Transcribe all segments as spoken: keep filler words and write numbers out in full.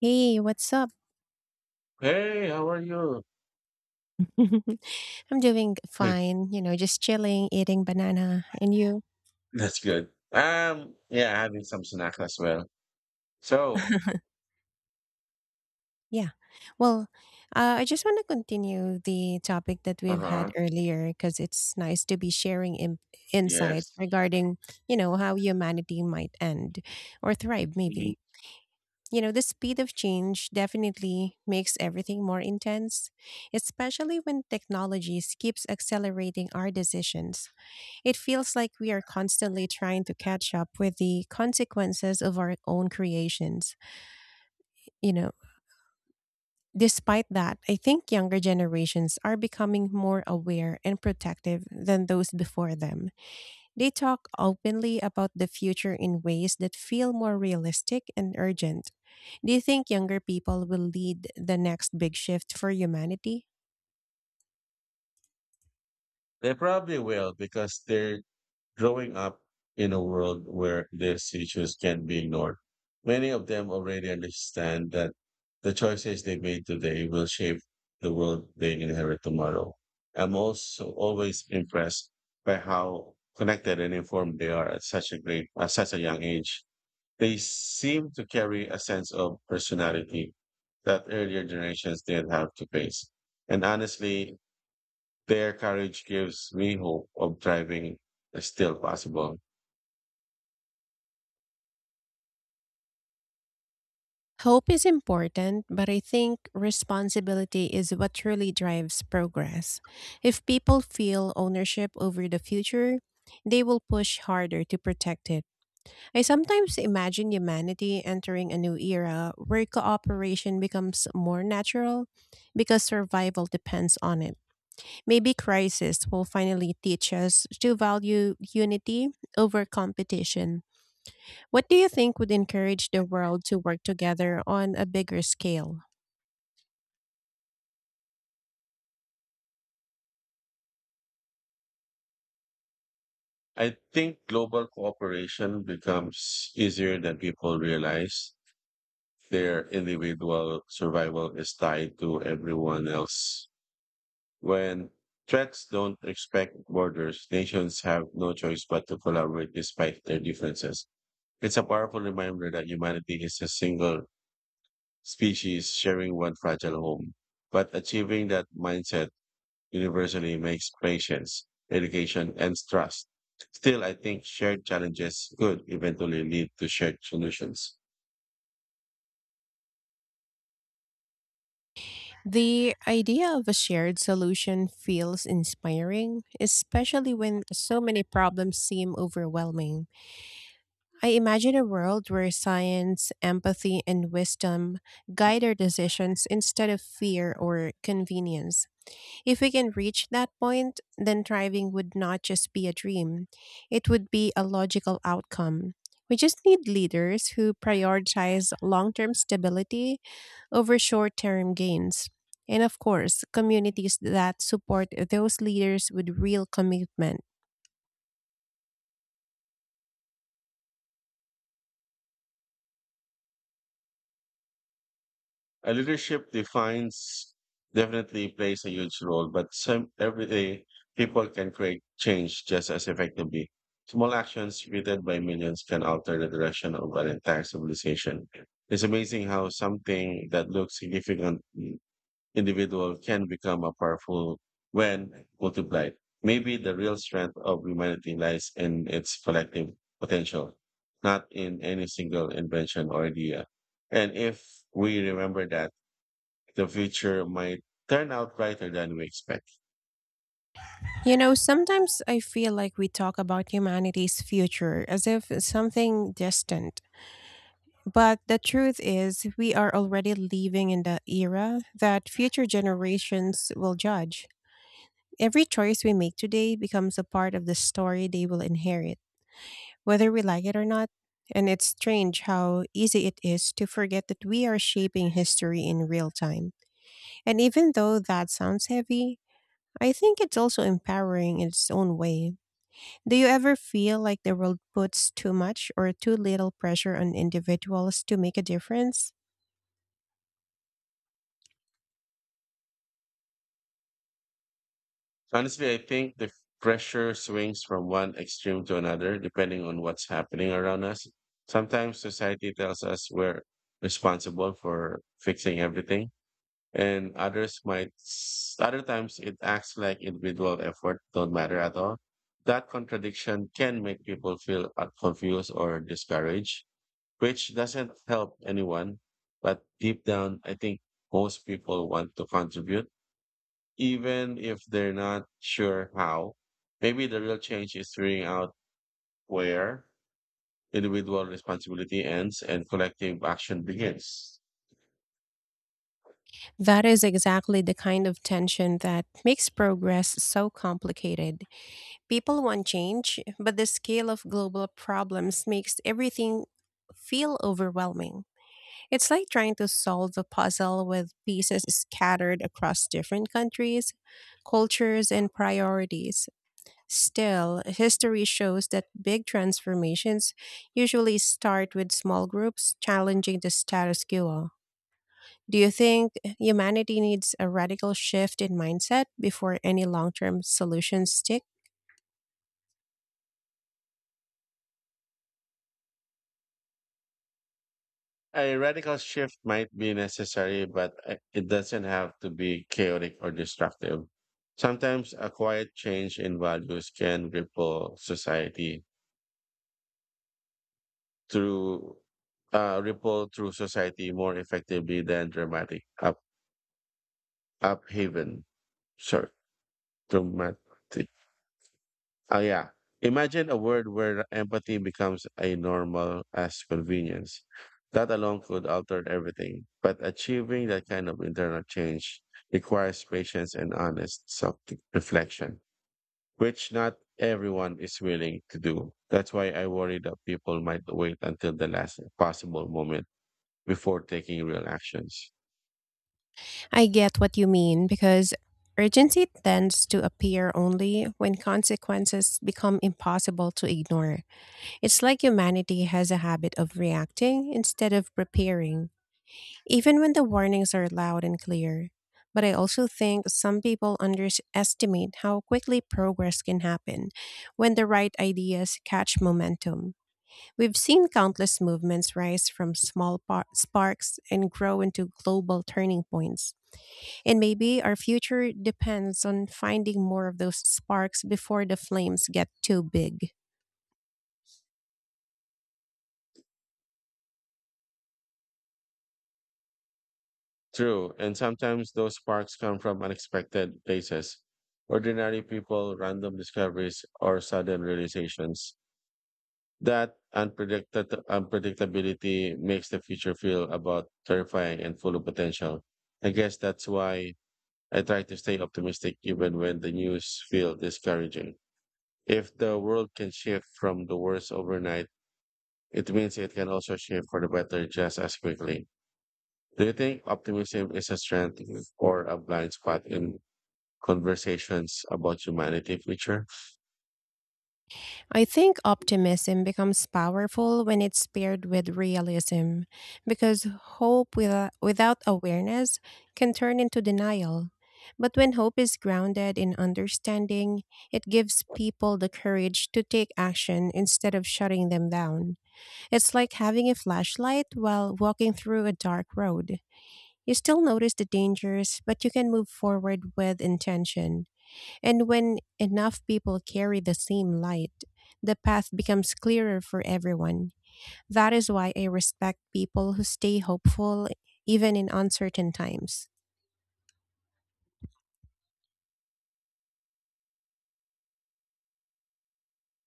Hey, what's up? Hey, how are you? I'm doing fine, you know, just chilling, eating banana. And you? That's good. Um, yeah, having some snack as well. So, Yeah. Well, uh, I just want to continue the topic that we've had uh-huh, earlier because it's nice to be sharing im insights yes. regarding, you know, how humanity might end or thrive, Mhm. maybe. You know, the speed of change definitely makes everything more intense, especially when technologies keeps accelerating our decisions. It feels like we are constantly trying to catch up with the consequences of our own creations. You know, despite that, I think younger generations are becoming more aware and protective than those before them. They talk openly about the future in ways that feel more realistic and urgent. Do you think younger people will lead the next big shift for humanity? They probably will because they're growing up in a world where these issues can be ignored. Many of them already understand that the choices they made today will shape the world they inherit tomorrow. I'm also always impressed by how connected and informed they are at such a great, at such a young age. They seem to carry a sense of personality that earlier generations didn't have to face. And honestly, their courage gives me hope of thriving is still possible. Hope is important, but I think responsibility is what truly drives progress. If people feel ownership over the future, they will push harder to protect it. I sometimes imagine humanity entering a new era where cooperation becomes more natural because survival depends on it. Maybe crisis will finally teach us to value unity over competition. What do you think would encourage the world to work together on a bigger scale? I think global cooperation becomes easier than people realize. Their individual survival is tied to everyone else. When threats don't respect borders, nations have no choice but to collaborate despite their differences. It's a powerful reminder that humanity is a single species sharing one fragile home. But achieving that mindset universally makes patience, education, and trust. Still, I think shared challenges could eventually lead to shared solutions. The idea of a shared solution feels inspiring, especially when so many problems seem overwhelming. I imagine a world where science, empathy, and wisdom guide our decisions instead of fear or convenience. If we can reach that point, then thriving would not just be a dream, it would be a logical outcome. We just need leaders who prioritize long term stability over short term gains. And of course, communities that support those leaders with real commitment. Uh, leadership defines definitely plays a huge role, but some everyday people can create change just as effectively. Small actions repeated by millions can alter the direction of an entire civilization. It's amazing how something that looks significant mm, individual can become a powerful when multiplied. Maybe the real strength of humanity lies in its collective potential, not in any single invention or idea. And if we remember that, the future might turn out brighter than we expect. You know, sometimes I feel like we talk about humanity's future as if it's something distant. But the truth is, we are already living in the era that future generations will judge. Every choice we make today becomes a part of the story they will inherit, whether we like it or not. And it's strange how easy it is to forget that we are shaping history in real time. And even though that sounds heavy, I think it's also empowering in its own way. Do you ever feel like the world puts too much or too little pressure on individuals to make a difference? Honestly, I think the pressure swings from one extreme to another depending on what's happening around us. Sometimes society tells us we're responsible for fixing everything, and others might, s- other times it acts like individual effort don't matter at all. That contradiction can make people feel uh, confused or discouraged, which doesn't help anyone. But deep down, I think most people want to contribute, even if they're not sure how. Maybe the real change is figuring out where individual responsibility ends and collective action begins. That is exactly the kind of tension that makes progress so complicated. People want change, but the scale of global problems makes everything feel overwhelming. It's like trying to solve a puzzle with pieces scattered across different countries, cultures, and priorities. Still, history shows that big transformations usually start with small groups challenging the status quo. Do you think humanity needs a radical shift in mindset before any long term solutions stick? A radical shift might be necessary, but uh, it doesn't have to be chaotic or destructive. Sometimes a quiet change in values can ripple society through uh, ripple through society more effectively than dramatic up uphaven. Sorry, dramatic. Ah, yeah. Imagine a world where empathy becomes a normal as convenience. That alone could alter everything. But achieving that kind of internal change requires patience and honest self reflection, which not everyone is willing to do. That's why I worry that people might wait until the last possible moment before taking real actions. I get what you mean because urgency tends to appear only when consequences become impossible to ignore. It's like humanity has a habit of reacting instead of preparing, even when the warnings are loud and clear. But I also think some people underestimate how quickly progress can happen when the right ideas catch momentum. We've seen countless movements rise from small par- sparks and grow into global turning points. And maybe our future depends on finding more of those sparks before the flames get too big. True, and sometimes those sparks come from unexpected places, ordinary people, random discoveries, or sudden realizations. That unpredicted unpredictability makes the future feel about terrifying and full of potential. I guess that's why I try to stay optimistic even when the news feel discouraging. If the world can shift from the worst overnight, it means it can also shift for the better just as quickly. Do you think optimism is a strength or a blind spot in conversations about humanity future? I think optimism becomes powerful when it's paired with realism, because hope without, without awareness can turn into denial. But when hope is grounded in understanding, it gives people the courage to take action instead of shutting them down. It's like having a flashlight while walking through a dark road. You still notice the dangers, but you can move forward with intention. And when enough people carry the same light, the path becomes clearer for everyone. That is why I respect people who stay hopeful even in uncertain times.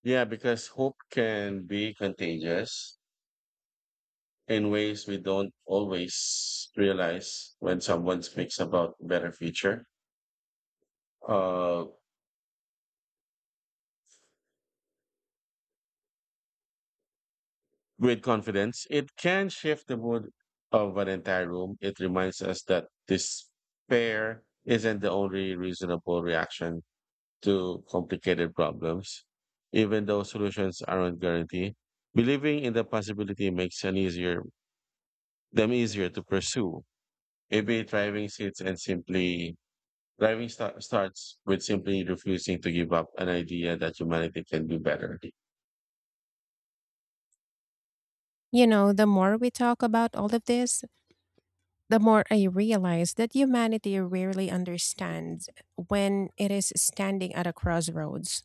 Yeah, because hope can be contagious in ways we don't always realize when someone speaks about better future. Uh, with confidence, it can shift the mood of an entire room. It reminds us that despair isn't the only reasonable reaction to complicated problems, even though solutions aren't guaranteed. Believing in the possibility makes an easier them easier to pursue. Maybe driving seats and simply driving sta- starts with simply refusing to give up an idea that humanity can do better. You know, the more we talk about all of this, the more I realize that humanity rarely understands when it is standing at a crossroads.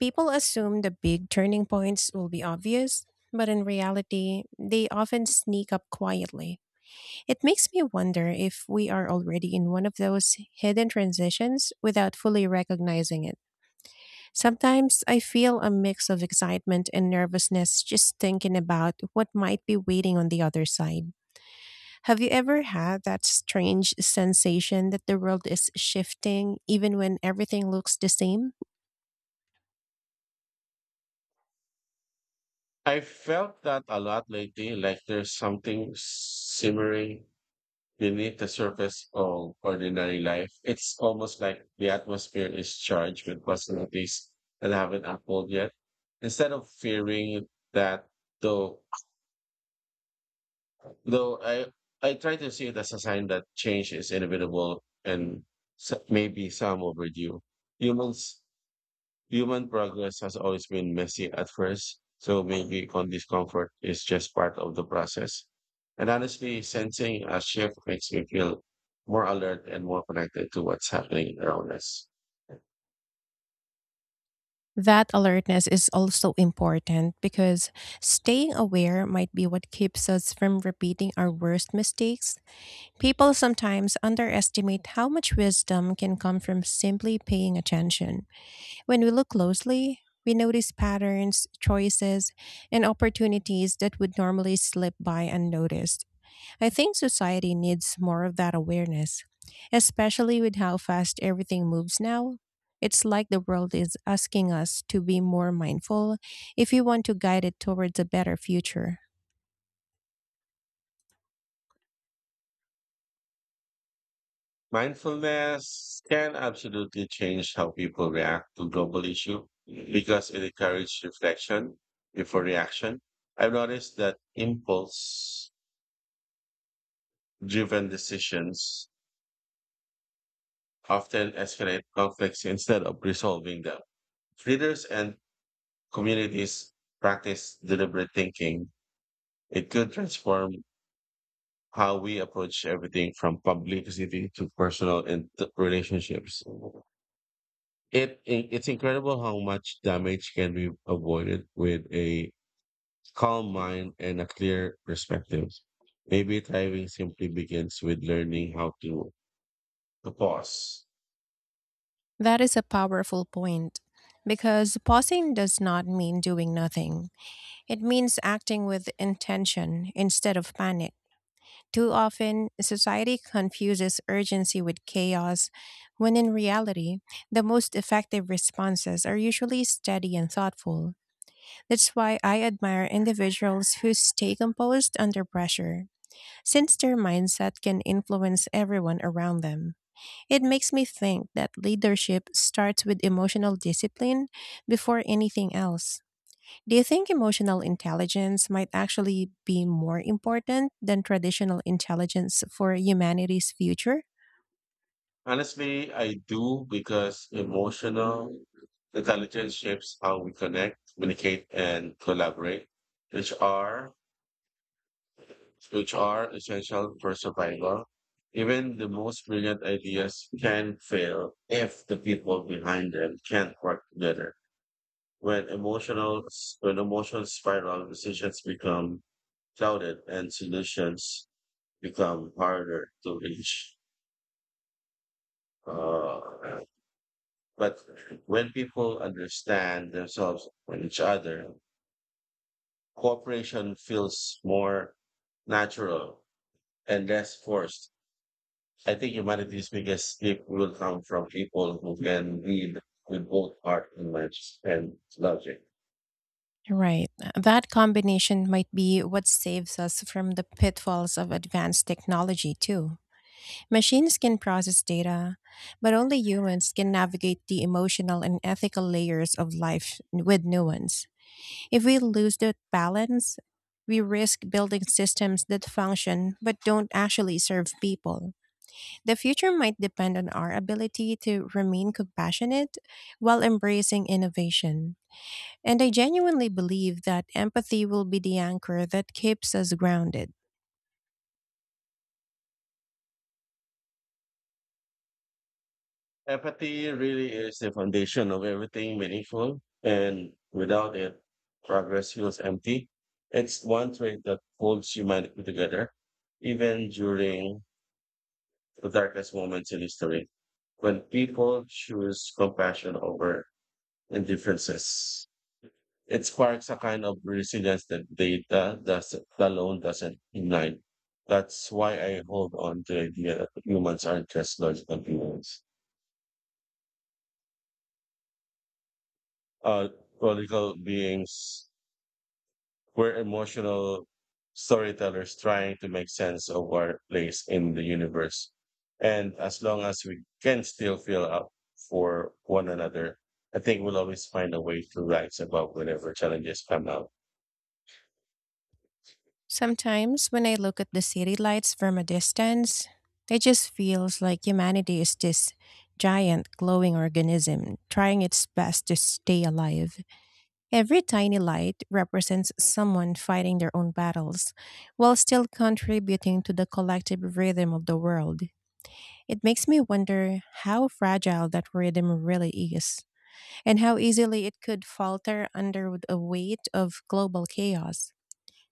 People assume the big turning points will be obvious, but in reality, they often sneak up quietly. It makes me wonder if we are already in one of those hidden transitions without fully recognizing it. Sometimes I feel a mix of excitement and nervousness just thinking about what might be waiting on the other side. Have you ever had that strange sensation that the world is shifting even when everything looks the same? I felt that a lot lately, like there's something simmering beneath the surface of ordinary life. It's almost like the atmosphere is charged with possibilities that haven't unfolded yet. Instead of fearing that, though, though I I try to see it as a sign that change is inevitable and s- maybe some overdue. Humans Human progress has always been messy at first, so making it on discomfort is just part of the process. And honestly, sensing a shift makes me feel more alert and more connected to what's happening around us. That alertness is also important because staying aware might be what keeps us from repeating our worst mistakes. People sometimes underestimate how much wisdom can come from simply paying attention. When we look closely, we notice patterns, choices, and opportunities that would normally slip by unnoticed. I think society needs more of that awareness, especially with how fast everything moves now. It's like the world is asking us to be more mindful if we want to guide it towards a better future. Mindfulness can absolutely change how people react to global issue because it encourages reflection before reaction. I've noticed that impulse driven decisions often escalate conflicts instead of resolving them. If leaders and communities practice deliberate thinking, it could transform how we approach everything from publicity to personal and relationships. It, it it's incredible how much damage can be avoided with a calm mind and a clear perspective. Maybe thriving simply begins with learning how to, to pause. That is a powerful point because pausing does not mean doing nothing. It means acting with intention instead of panic. Too often, society confuses urgency with chaos, when in reality, the most effective responses are usually steady and thoughtful. That's why I admire individuals who stay composed under pressure, since their mindset can influence everyone around them. It makes me think that leadership starts with emotional discipline before anything else. Do you think emotional intelligence might actually be more important than traditional intelligence for humanity's future? Honestly, I do because emotional intelligence shapes how we connect, communicate, and collaborate, which are which are essential for survival. Even the most brilliant ideas can fail if the people behind them can't work together. When emotional, when emotions spiral, decisions become clouded and solutions become harder to reach. Uh, but when people understand themselves and each other, cooperation feels more natural and less forced. I think humanity's biggest gift will come from people who can lead with both heart and mind and logic. Right. That combination might be what saves us from the pitfalls of advanced technology, too. Machines can process data, but only humans can navigate the emotional and ethical layers of life with nuance. If we lose that balance, we risk building systems that function but don't actually serve people. The future might depend on our ability to remain compassionate while embracing innovation. And I genuinely believe that empathy will be the anchor that keeps us grounded. Empathy really is the foundation of everything meaningful, and without it, progress feels empty. It's one trait that holds humanity together, even during the darkest moments in history. When people choose compassion over indifferences, it sparks a kind of resilience that data doesn't, alone doesn't ignite. That's why I hold on to the idea that humans aren't just logical beings. Uh, Political beings. We're emotional storytellers trying to make sense of our place in the universe. And as long as we can still feel up for one another, I think we'll always find a way to rise above whenever challenges come up. Sometimes when I look at the city lights from a distance, it just feels like humanity is this giant glowing organism trying its best to stay alive. Every tiny light represents someone fighting their own battles while still contributing to the collective rhythm of the world. It makes me wonder how fragile that rhythm really is, and how easily it could falter under the weight of global chaos.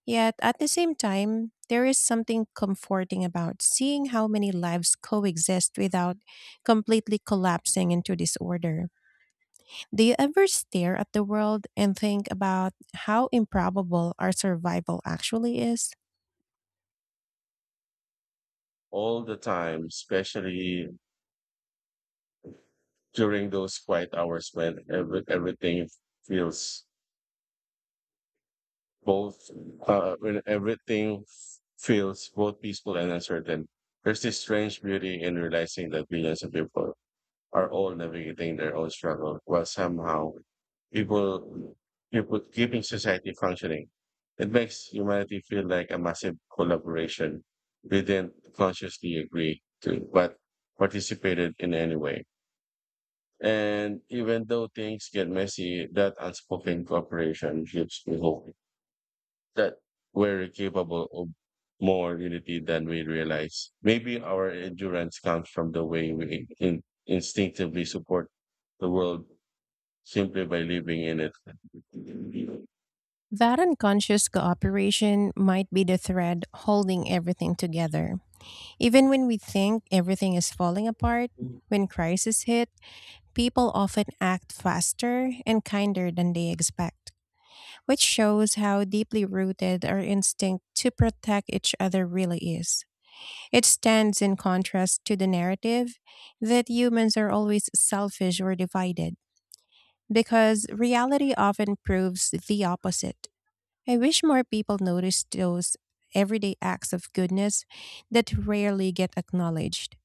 Yet, at the same time, there is something comforting about seeing how many lives coexist without completely collapsing into disorder. Do you ever stare at the world and think about how improbable our survival actually is? All the time, especially during those quiet hours when every, everything feels both, uh, when everything feels both peaceful and uncertain. There's this strange beauty in realizing that billions of people are all navigating their own struggle while somehow people people keeping society functioning. It makes humanity feel like a massive collaboration we didn't consciously agree to, but participated in anyway. And even though things get messy, that unspoken cooperation gives me hope that we're capable of more unity than we realize. Maybe our endurance comes from the way we in- instinctively support the world simply by living in it. That unconscious cooperation might be the thread holding everything together. Even when we think everything is falling apart, when crises hit, people often act faster and kinder than they expect, which shows how deeply rooted our instinct to protect each other really is. It stands in contrast to the narrative that humans are always selfish or divided, because reality often proves the opposite. I wish more people noticed those everyday acts of goodness that rarely get acknowledged.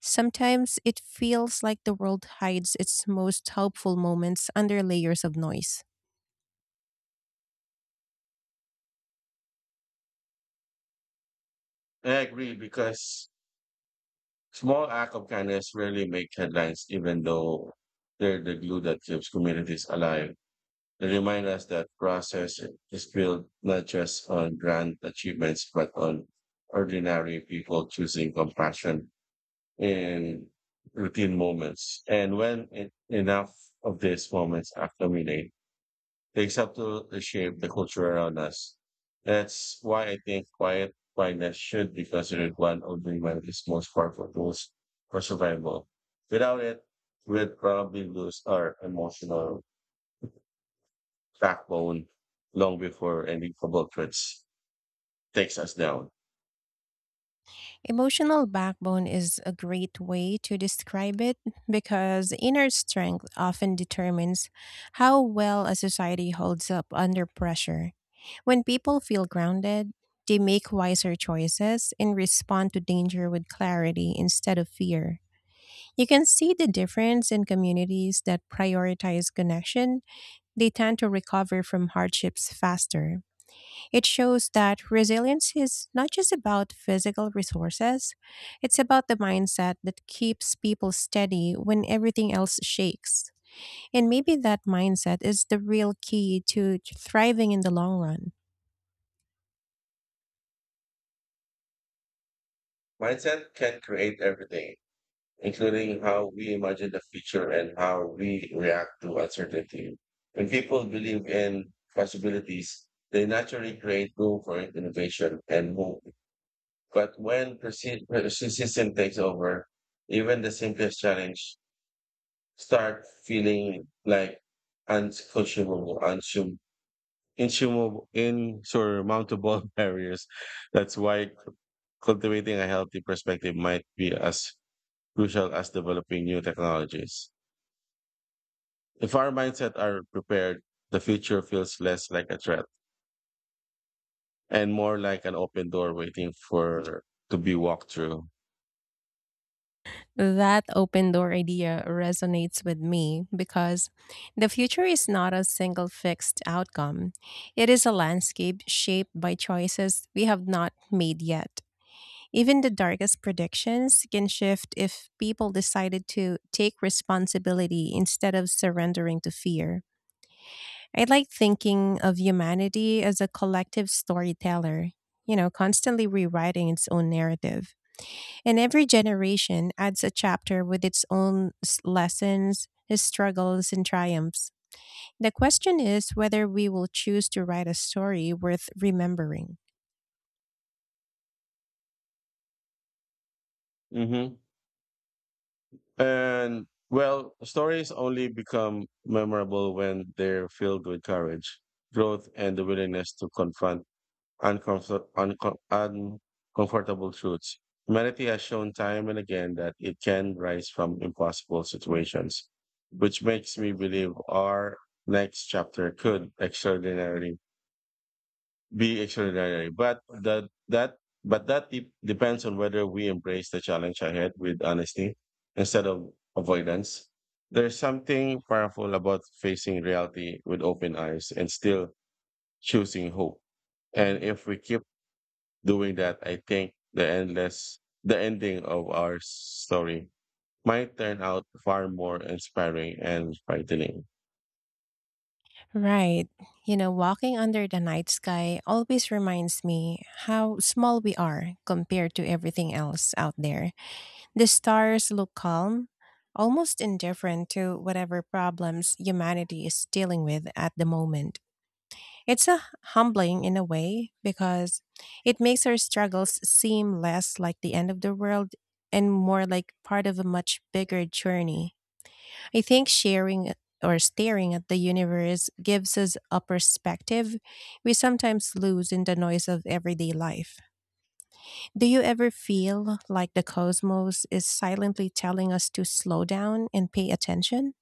Sometimes it feels like the world hides its most helpful moments under layers of noise. I agree because small act of kindness rarely make headlines, even though they're the glue that keeps communities alive. They remind us that process is built not just on grand achievements, but on ordinary people choosing compassion in routine moments. And when it, enough of these moments accumulate, they start to shape the culture around us. That's why I think quiet quietness should be considered one of the humanity's most powerful tools for survival. Without it, we'd probably lose our emotional backbone long before any global threats takes us down. Emotional backbone is a great way to describe it because inner strength often determines how well a society holds up under pressure. When people feel grounded, they make wiser choices and respond to danger with clarity instead of fear. You can see the difference in communities that prioritize connection, they tend to recover from hardships faster. It shows that resilience is not just about physical resources, it's about the mindset that keeps people steady when everything else shakes. And maybe that mindset is the real key to thriving in the long run. Mindset can create everything, including how we imagine the future and how we react to uncertainty. When people believe in possibilities, they naturally create room for innovation and hope. But when persi- persistence takes over, even the simplest challenge start feeling like unconscionable, unsum- insurmountable, insurmountable barriers. That's why cultivating a healthy perspective might be as crucial as developing new technologies. If our mindset are prepared, the future feels less like a threat and more like an open door waiting for to be walked through. That open door idea resonates with me because the future is not a single fixed outcome. It is a landscape shaped by choices we have not made yet. Even the darkest predictions can shift if people decided to take responsibility instead of surrendering to fear. I like thinking of humanity as a collective storyteller, you know, constantly rewriting its own narrative. And every generation adds a chapter with its own s- lessons, its struggles, and triumphs. The question is whether we will choose to write a story worth remembering. hmm And well, stories only become memorable when they're filled with courage, growth, and the willingness to confront uncomfort- uncom- uncomfortable truths. Humanity has shown time and again that it can rise from impossible situations, which makes me believe our next chapter could extraordinarily be extraordinary. But that that but that de- depends on whether we embrace the challenge ahead with honesty instead of avoidance. There's something powerful about facing reality with open eyes and still choosing hope. And if we keep doing that, I think the endless the ending of our story might turn out far more inspiring and frightening. Right. You know, walking under the night sky always reminds me how small we are compared to everything else out there. The stars look calm, almost indifferent to whatever problems humanity is dealing with at the moment. It's a humbling in a way because it makes our struggles seem less like the end of the world and more like part of a much bigger journey. I think sharing or staring at the universe gives us a perspective we sometimes lose in the noise of everyday life. Do you ever feel like the cosmos is silently telling us to slow down and pay attention?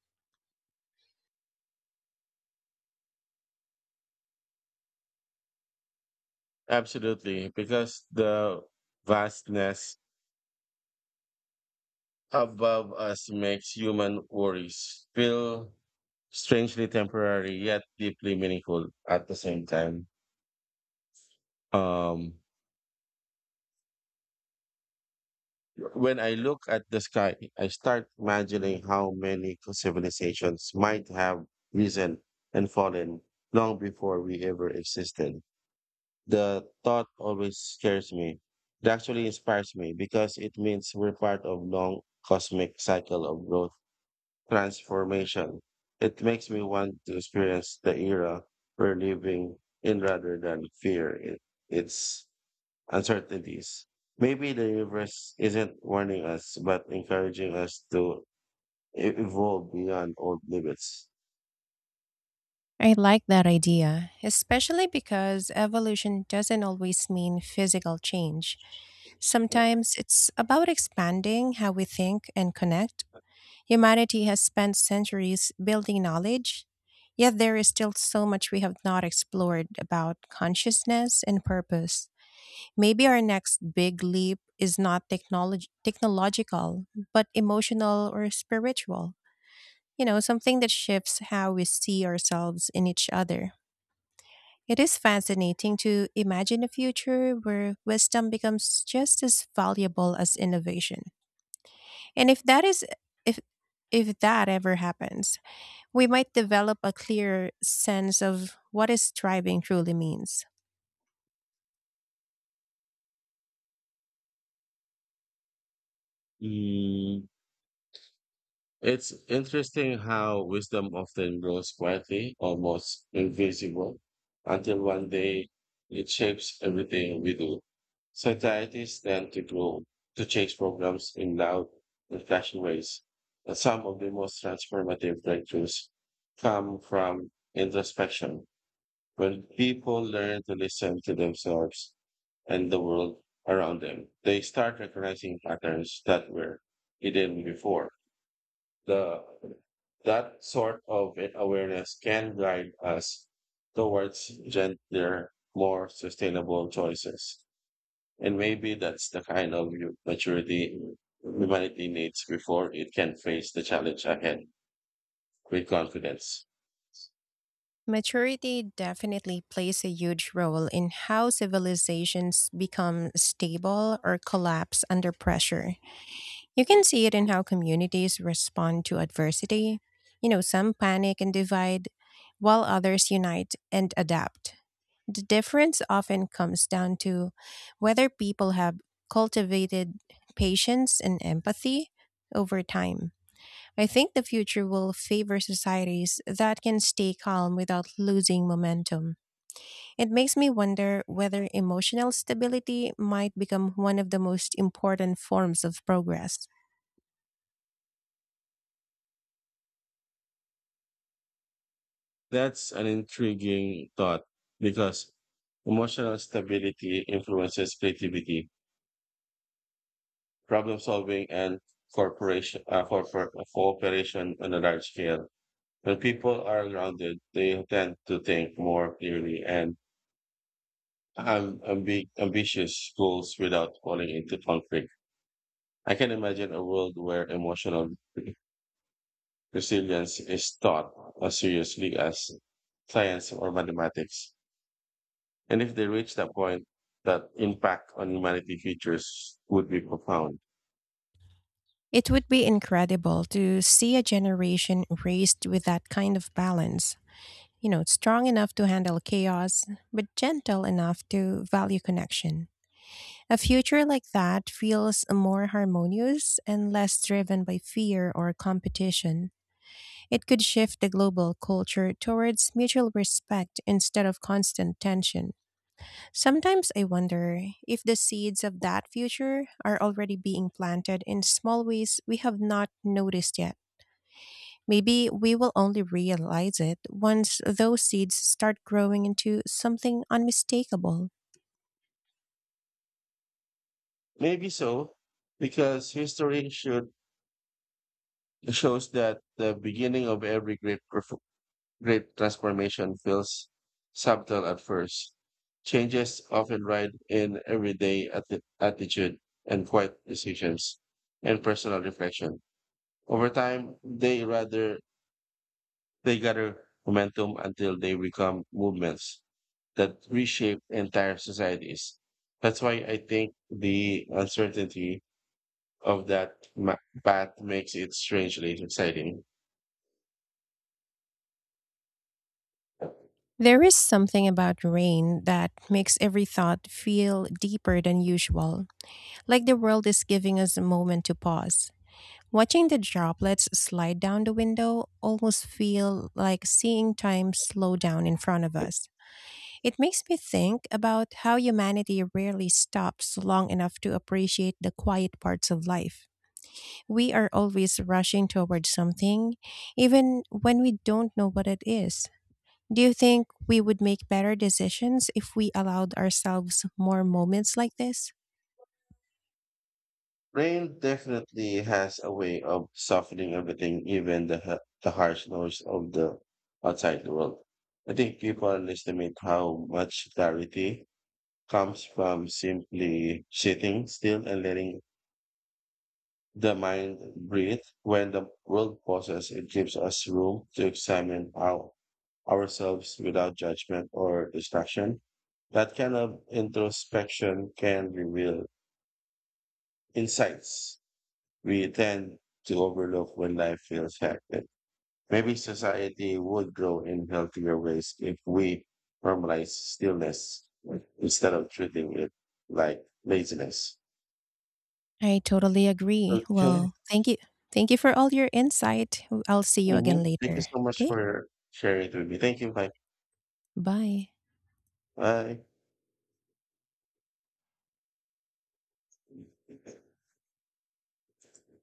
Absolutely, because the vastness above us makes human worries feel strangely temporary yet deeply meaningful at the same time. Um, when I look at the sky, I start imagining how many civilizations might have risen and fallen long before we ever existed. The thought always scares me. It actually inspires me because it means we're part of long cosmic cycle of growth transformation. It makes me want to experience the era we're living in rather than fear it, its uncertainties. Maybe the universe isn't warning us, but encouraging us to e- evolve beyond old limits. I like that idea, especially because evolution doesn't always mean physical change. Sometimes it's about expanding how we think and connect. Humanity has spent centuries building knowledge, yet there is still so much we have not explored about consciousness and purpose. Maybe our next big leap is not technolog- technological, but emotional or spiritual. You know, something that shifts how we see ourselves in each other. It is fascinating to imagine a future where wisdom becomes just as valuable as innovation. And if that is if if that ever happens, we might develop a clearer sense of what is thriving truly means. Mm, It's interesting how wisdom often grows quietly, almost invisible, until one day it shapes everything we do. Societies tend to grow to change programs in loud and flashy ways. And some of the most transformative breakthroughs come from introspection, when people learn to listen to themselves and the world around them. They start recognizing patterns that were hidden before the that sort of a- awareness can guide us towards gentler, more sustainable choices. And maybe that's the kind of u- maturity humanity needs before it can face the challenge ahead with confidence. Maturity definitely plays a huge role in how civilizations become stable or collapse under pressure. You can see it in how communities respond to adversity. You know, some panic and divide, while others unite and adapt. The difference often comes down to whether people have cultivated patience and empathy over time. I think the future will favor societies that can stay calm without losing momentum. It makes me wonder whether emotional stability might become one of the most important forms of progress. That's an intriguing thought because emotional stability influences creativity, problem solving, and corporation, uh, corpor- cooperation on a large scale. When people are grounded, they tend to think more clearly and have ambi- ambitious goals without falling into conflict. I can imagine a world where emotional resilience is taught as seriously as science or mathematics. And if they reach that point, that impact on humanity futures would be profound. It would be incredible to see a generation raised with that kind of balance. You know, strong enough to handle chaos, but gentle enough to value connection. A future like that feels more harmonious and less driven by fear or competition. It could shift the global culture towards mutual respect instead of constant tension. Sometimes I wonder if the seeds of that future are already being planted in small ways we have not noticed yet. Maybe we will only realize it once those seeds start growing into something unmistakable. Maybe so, because history should shows that the beginning of every great performance Great transformation feels subtle at first. Changes often ride in everyday atti- attitude and quiet decisions and personal reflection. Over time, they rather they gather momentum until they become movements that reshape entire societies. That's why I think the uncertainty of that ma- path makes it strangely exciting. There is something about rain that makes every thought feel deeper than usual, like the world is giving us a moment to pause. Watching the droplets slide down the window almost feel like seeing time slow down in front of us. It makes me think about how humanity rarely stops long enough to appreciate the quiet parts of life. We are always rushing towards something, even when we don't know what it is. Do you think we would make better decisions if we allowed ourselves more moments like this? Rain definitely has a way of softening everything, even the ha- the harsh noise of the outside world. I think people underestimate how much clarity comes from simply sitting still and letting the mind breathes when the world pauses. It gives us room to examine our, ourselves without judgment or distraction. That kind of introspection can reveal insights we tend to overlook when life feels hectic. Maybe society would grow in healthier ways if we normalize stillness instead of treating it like laziness. I totally agree. Okay. Well, thank you. Thank you for all your insight. I'll see you Mm-hmm. again Thank you later. so much Okay? for sharing it with me. Thank you. Bye. Bye. Bye.